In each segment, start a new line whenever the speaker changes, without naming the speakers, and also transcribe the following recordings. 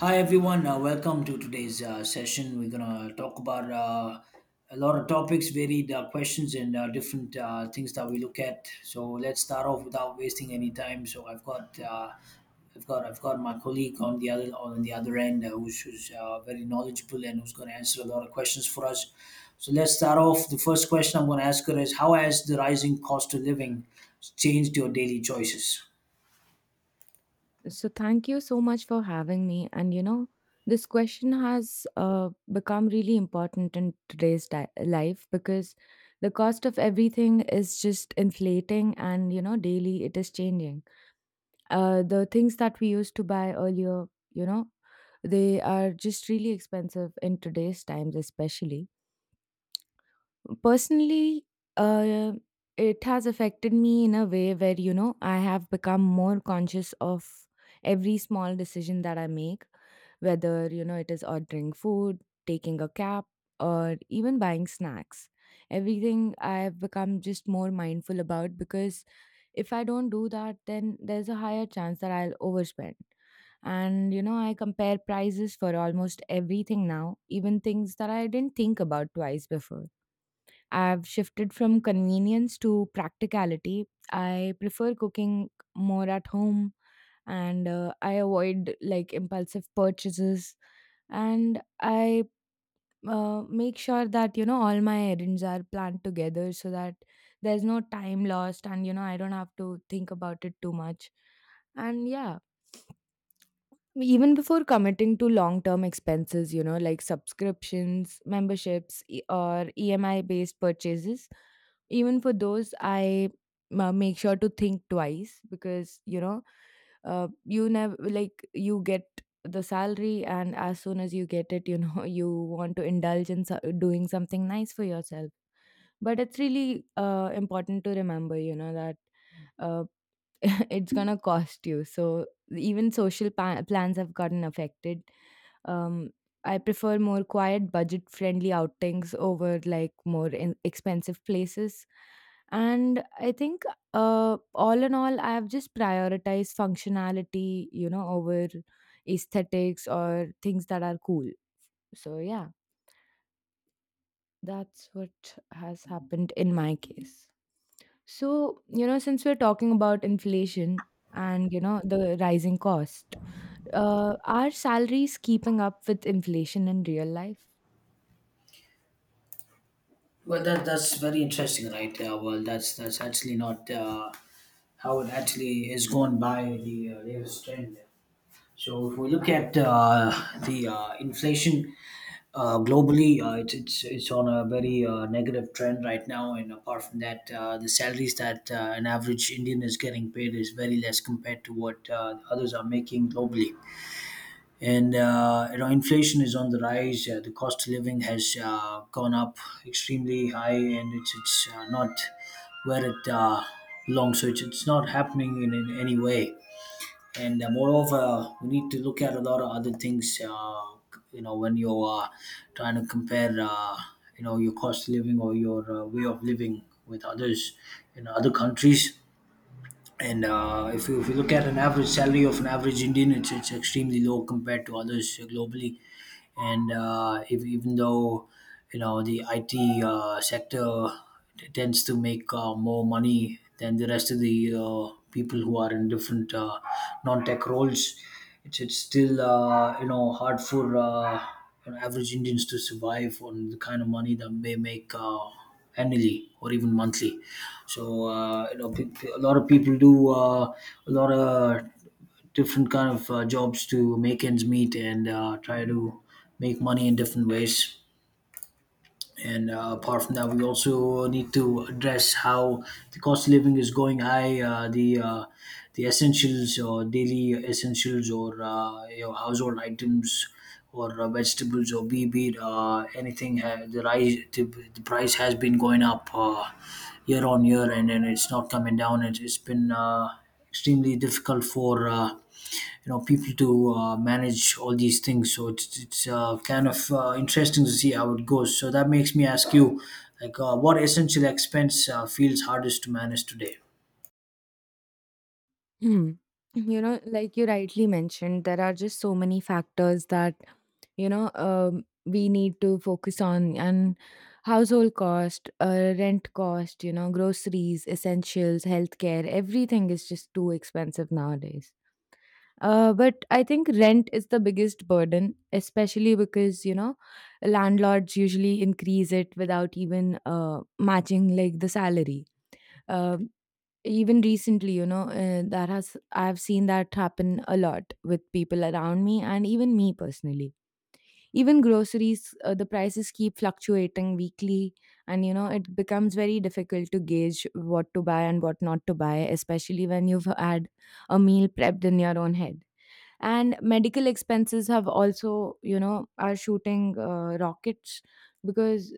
Hi everyone, welcome to today's session. We're gonna talk about a lot of topics, varied questions, and different things that we look at. So let's start off without wasting any time. So I've got my colleague on the other end, who's very knowledgeable and who's gonna answer a lot of questions for us. So let's start off. The first question I'm gonna ask her is, how has the rising cost of living changed your daily choices?
So, thank you so much for having me. This question has become really important in today's life because the cost of everything is just inflating and, you know, daily it is changing. The things that we used to buy earlier, you know, they are just really expensive in today's times, especially. Personally, uh, it has affected me in a way where, you know, I have become more conscious of every small decision that I make, whether, you know, it is ordering food, taking a cab, or even buying snacks. Everything I've become just more mindful about, because if I don't do that, then there's a higher chance that I'll overspend. And you know, I compare prices for almost everything now, even things that I didn't think about twice before. I've shifted from convenience to practicality. I prefer cooking more at home, and I avoid like impulsive purchases, and I make sure that, you know, all my errands are planned together so that there's no time lost and, you know, I don't have to think about it too much. And yeah, even before committing to long term expenses, you know, like subscriptions, memberships, or EMI based purchases, even for those, I make sure to think twice because, you know, you never like you get the salary, and as soon as you get it, you know, you want to indulge in doing something nice for yourself, but it's really important to remember, you know, that it's gonna cost you. So even social plans have gotten affected. Um, I prefer more quiet, budget-friendly outings over like more expensive places. And I think, all in all, I have just prioritized functionality, you know, over aesthetics or things that are cool. So yeah, that's what has happened in my case. So, you know, since we're talking about inflation and, you know, the rising cost, are salaries keeping up with inflation in real life?
Well, that's very interesting, right? Well, that's actually not how it actually is gone by the latest trend. So if we look at the inflation globally, it's on a very negative trend right now. And apart from that, the salaries that an average Indian is getting paid is very less compared to what others are making globally, and you know inflation is on the rise. The cost of living has gone up extremely high and it's not where it belongs, so it's not happening in any way. And moreover we need to look at a lot of other things, you know, when you're trying to compare, you know, your cost of living or your way of living with others in other countries. And if you look at an average salary of an average Indian, it's extremely low compared to others, globally. And if, even though you know the IT sector tends to make more money than the rest of the people who are in different non-tech roles, it's still you know hard for you know, average Indians to survive on the kind of money that they make. Annually or even monthly. So you know, a lot of people do a lot of different kind of jobs to make ends meet and try to make money in different ways. And apart from that, we also need to address how the cost of living is going high. The essentials or daily essentials or you know, household items or vegetables or be it, anything the price has been going up year on year and then it's not coming down. It's been extremely difficult for you know people to manage all these things. So it's kind of interesting to see how it goes. So that makes me ask you, like, what essential expense feels hardest to manage today?
Hmm. You know, like you rightly mentioned, there are just so many factors that, you know, we need to focus on, and household cost, rent cost, you know, groceries, essentials, healthcare, everything is just too expensive nowadays. But I think rent is the biggest burden, especially because, you know, landlords usually increase it without even matching like the salary. Uh, Even recently, you know, I've seen that happen a lot with people around me and even me personally. Even groceries, the prices keep fluctuating weekly, and, you know, it becomes very difficult to gauge what to buy and what not to buy, especially when you've had a meal prepped in your own head. And medical expenses have also, you know, are shooting rockets, because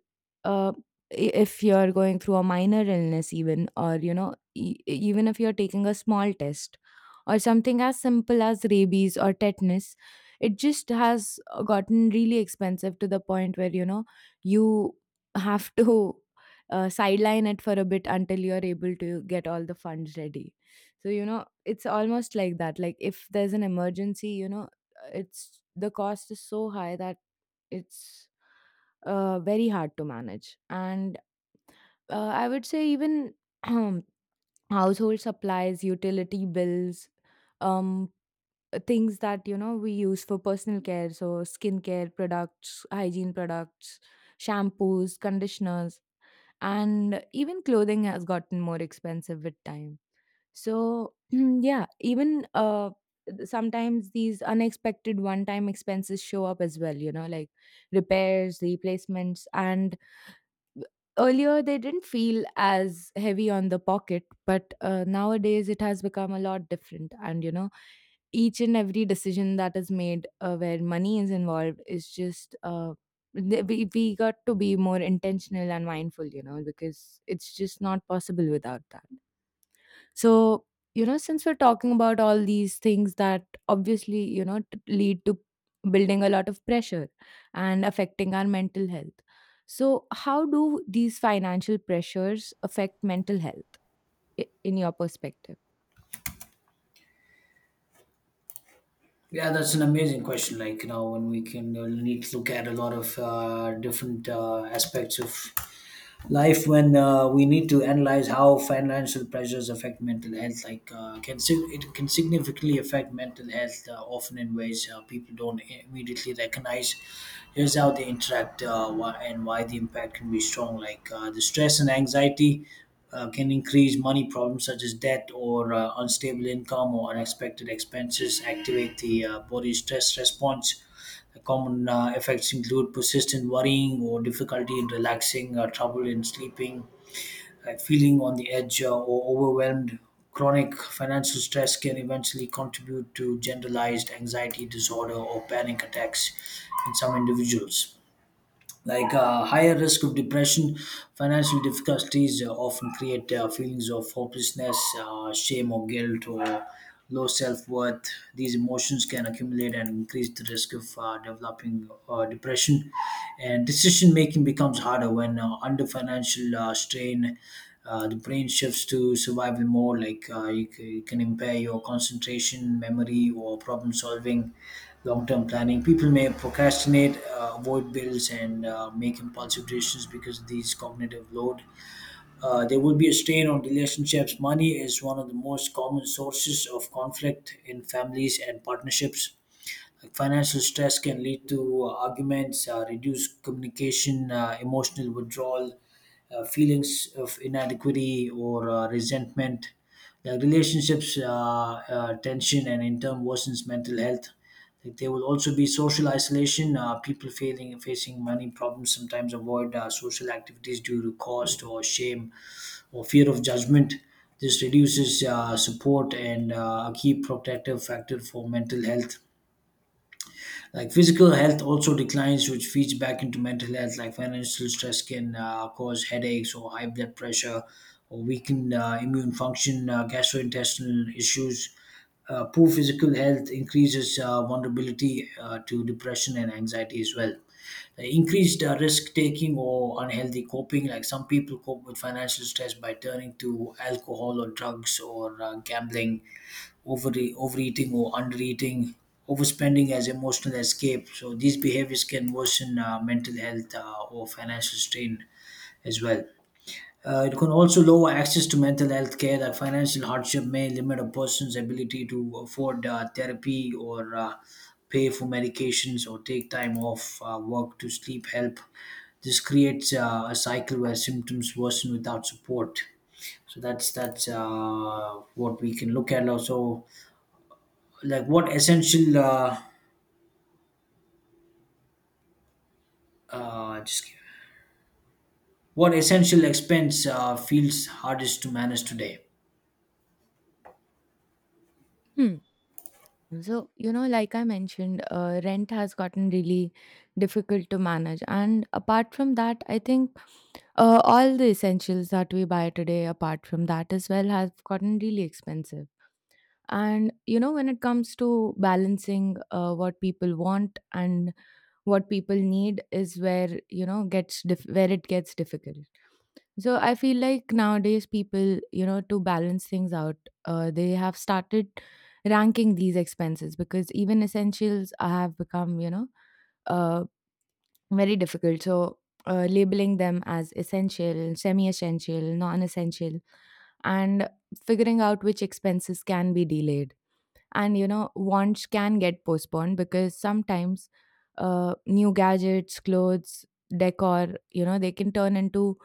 uh, if you're going through a minor illness even, or, you know, even if you're taking a small test, or something as simple as rabies or tetanus, it just has gotten really expensive, to the point where, you know, you have to sideline it for a bit until you're able to get all the funds ready. So, you know, it's almost like that, like if there's an emergency, you know, it's, the cost is so high that it's very hard to manage. And I would say even household supplies, utility bills, um things that, you know, we use for personal care, so skincare products, hygiene products, shampoos, conditioners, and even clothing has gotten more expensive with time. So, yeah, even sometimes these unexpected one time expenses show up as well, you know, like repairs, replacements. And earlier they didn't feel as heavy on the pocket, but nowadays it has become a lot different. And, you know, each and every decision that is made where money is involved is just. We got to be more intentional and mindful, you know, because it's just not possible without that. So, you know, since we're talking about all these things that obviously, you know, lead to building a lot of pressure and affecting our mental health. So, how do these financial pressures affect mental health, in your perspective?
Yeah, that's an amazing question. Like you know, when we can need to look at a lot of different aspects of life when we need to analyze how financial pressures affect mental health. Like it can significantly affect mental health, often in ways people don't immediately recognize. Here's how they interact, why, and why the impact can be strong. Like the stress and anxiety can increase. Money problems such as debt or unstable income or unexpected expenses activate the body's stress response. Common effects include persistent worrying or difficulty in relaxing, trouble in sleeping, feeling on the edge, or overwhelmed. Chronic financial stress can eventually contribute to generalized anxiety disorder or panic attacks in some individuals. Like higher risk of depression. Financial difficulties often create feelings of hopelessness, shame or guilt or low self-worth. These emotions can accumulate and increase the risk of developing depression. And decision making becomes harder when under financial strain. The brain shifts to survival mode. Like you can impair your concentration, memory, or problem solving, long-term planning. People may procrastinate, avoid bills, and make impulsive decisions because of these cognitive load. There will be a strain on relationships. Money is one of the most common sources of conflict in families and partnerships. Like financial stress can lead to arguments, reduced communication, emotional withdrawal, feelings of inadequacy or resentment. Like relationships, tension, and in turn worsens mental health. Like there will also be social isolation. People facing money problems sometimes avoid social activities due to cost or shame or fear of judgment. This reduces support and a key protective factor for mental health. Like physical health also declines, which feeds back into mental health. Like financial stress can cause headaches or high blood pressure, or weaken immune function, gastrointestinal issues. Poor physical health increases vulnerability to depression and anxiety as well. The increased risk taking or unhealthy coping. Like some people cope with financial stress by turning to alcohol or drugs or gambling, overeating or undereating, overspending as emotional escape. So these behaviors can worsen mental health or financial strain as well. It can also lower access to mental health care. That financial hardship may limit a person's ability to afford therapy or pay for medications or take time off work to sleep help. This creates a cycle where symptoms worsen without support. So that's what we can look at also. Like uh, just give- what essential expense feels hardest to manage today?
Hmm. So, you know, like I mentioned, rent has gotten really difficult to manage. And apart from that, I think all the essentials that we buy today, apart from that as well, have gotten really expensive. And you know, when it comes to balancing what people want and what people need, is where, you know, where it gets difficult. So I feel like nowadays people, you know, to balance things out, they have started ranking these expenses because even essentials have become, you know, uh, very difficult. So labeling them as essential, semi-essential, non-essential, and figuring out which expenses can be delayed, and, you know, wants can get postponed, because sometimes new gadgets, clothes, decor, you know, they can turn into,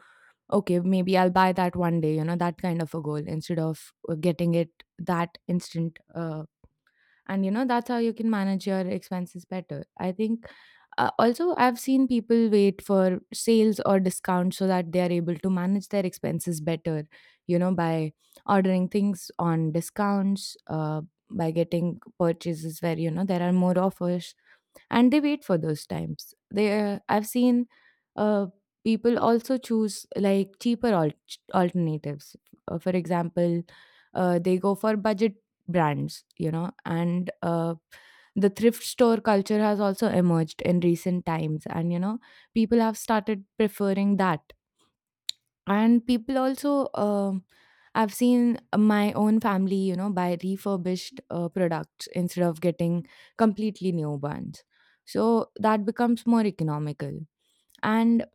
okay, maybe I'll buy that one day, you know, that kind of a goal instead of getting it that instant. And you know, that's how you can manage your expenses better, I think. Also, I've seen people wait for sales or discounts so that they are able to manage their expenses better, you know, by ordering things on discounts, by getting purchases where, you know, there are more offers, and they wait for those times. They I've seen uh, people also choose like cheaper alternatives. For example, they go for budget brands, you know. And the thrift store culture has also emerged in recent times, and, you know, people have started preferring that. And people also, I've seen my own family, you know, buy refurbished products instead of getting completely new ones. So that becomes more economical. And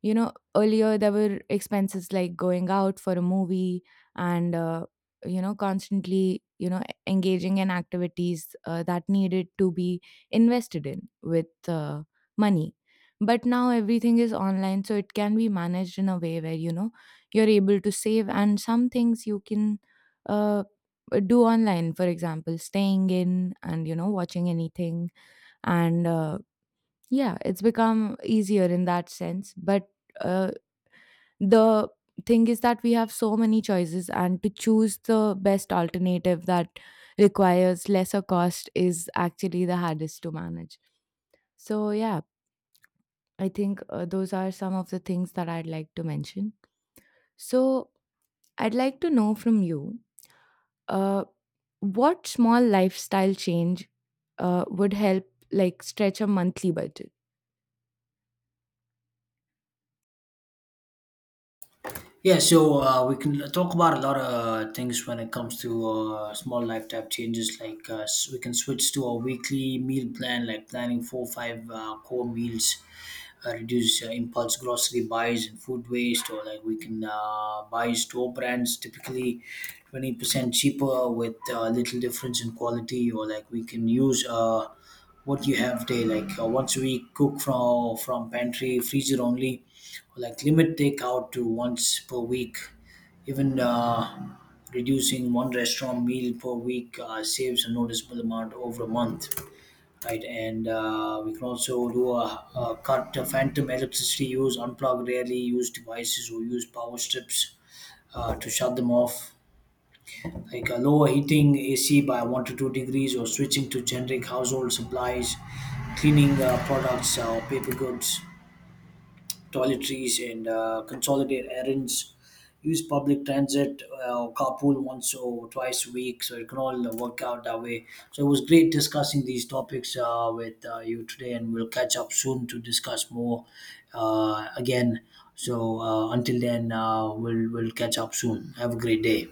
you know, earlier there were expenses like going out for a movie, and, you know, constantly, you know, engaging in activities that needed to be invested in with money. But now everything is online, so it can be managed in a way where, you know, you're able to save, and some things you can uh, do online, for example, staying in and, you know, watching anything. And, yeah, it's become easier in that sense, but uh, the thing is that we have so many choices, and to choose the best alternative that requires lesser cost is actually the hardest to manage. So, yeah, I think those are some of the things that I'd like to mention. So, I'd like to know from you, uh, what small lifestyle change would help like stretch a monthly budget?
Yeah, so we can talk about a lot of things when it comes to small lifetime changes. Like we can switch to a weekly meal plan, like planning four or five core meals, reduce impulse grocery buys and food waste, or like we can buy store brands typically 20% cheaper with little difference in quality, or like we can use. What you have day, like once a week cook from pantry freezer only. Like limit takeout to once per week. Even reducing one restaurant meal per week saves a noticeable amount over a month, right? And we can also do a cut the phantom electricity use, unplug rarely used devices or use power strips to shut them off. Like lower heating ac by 1 to 2 degrees, or switching to generic household supplies, cleaning products or paper goods, toiletries, and consolidate errands. Use public transit or carpool once or twice a week, so it can all work out that way. So it was great discussing these topics with you today, and we'll catch up soon to discuss more again. So until then, we'll catch up soon. Have a great day.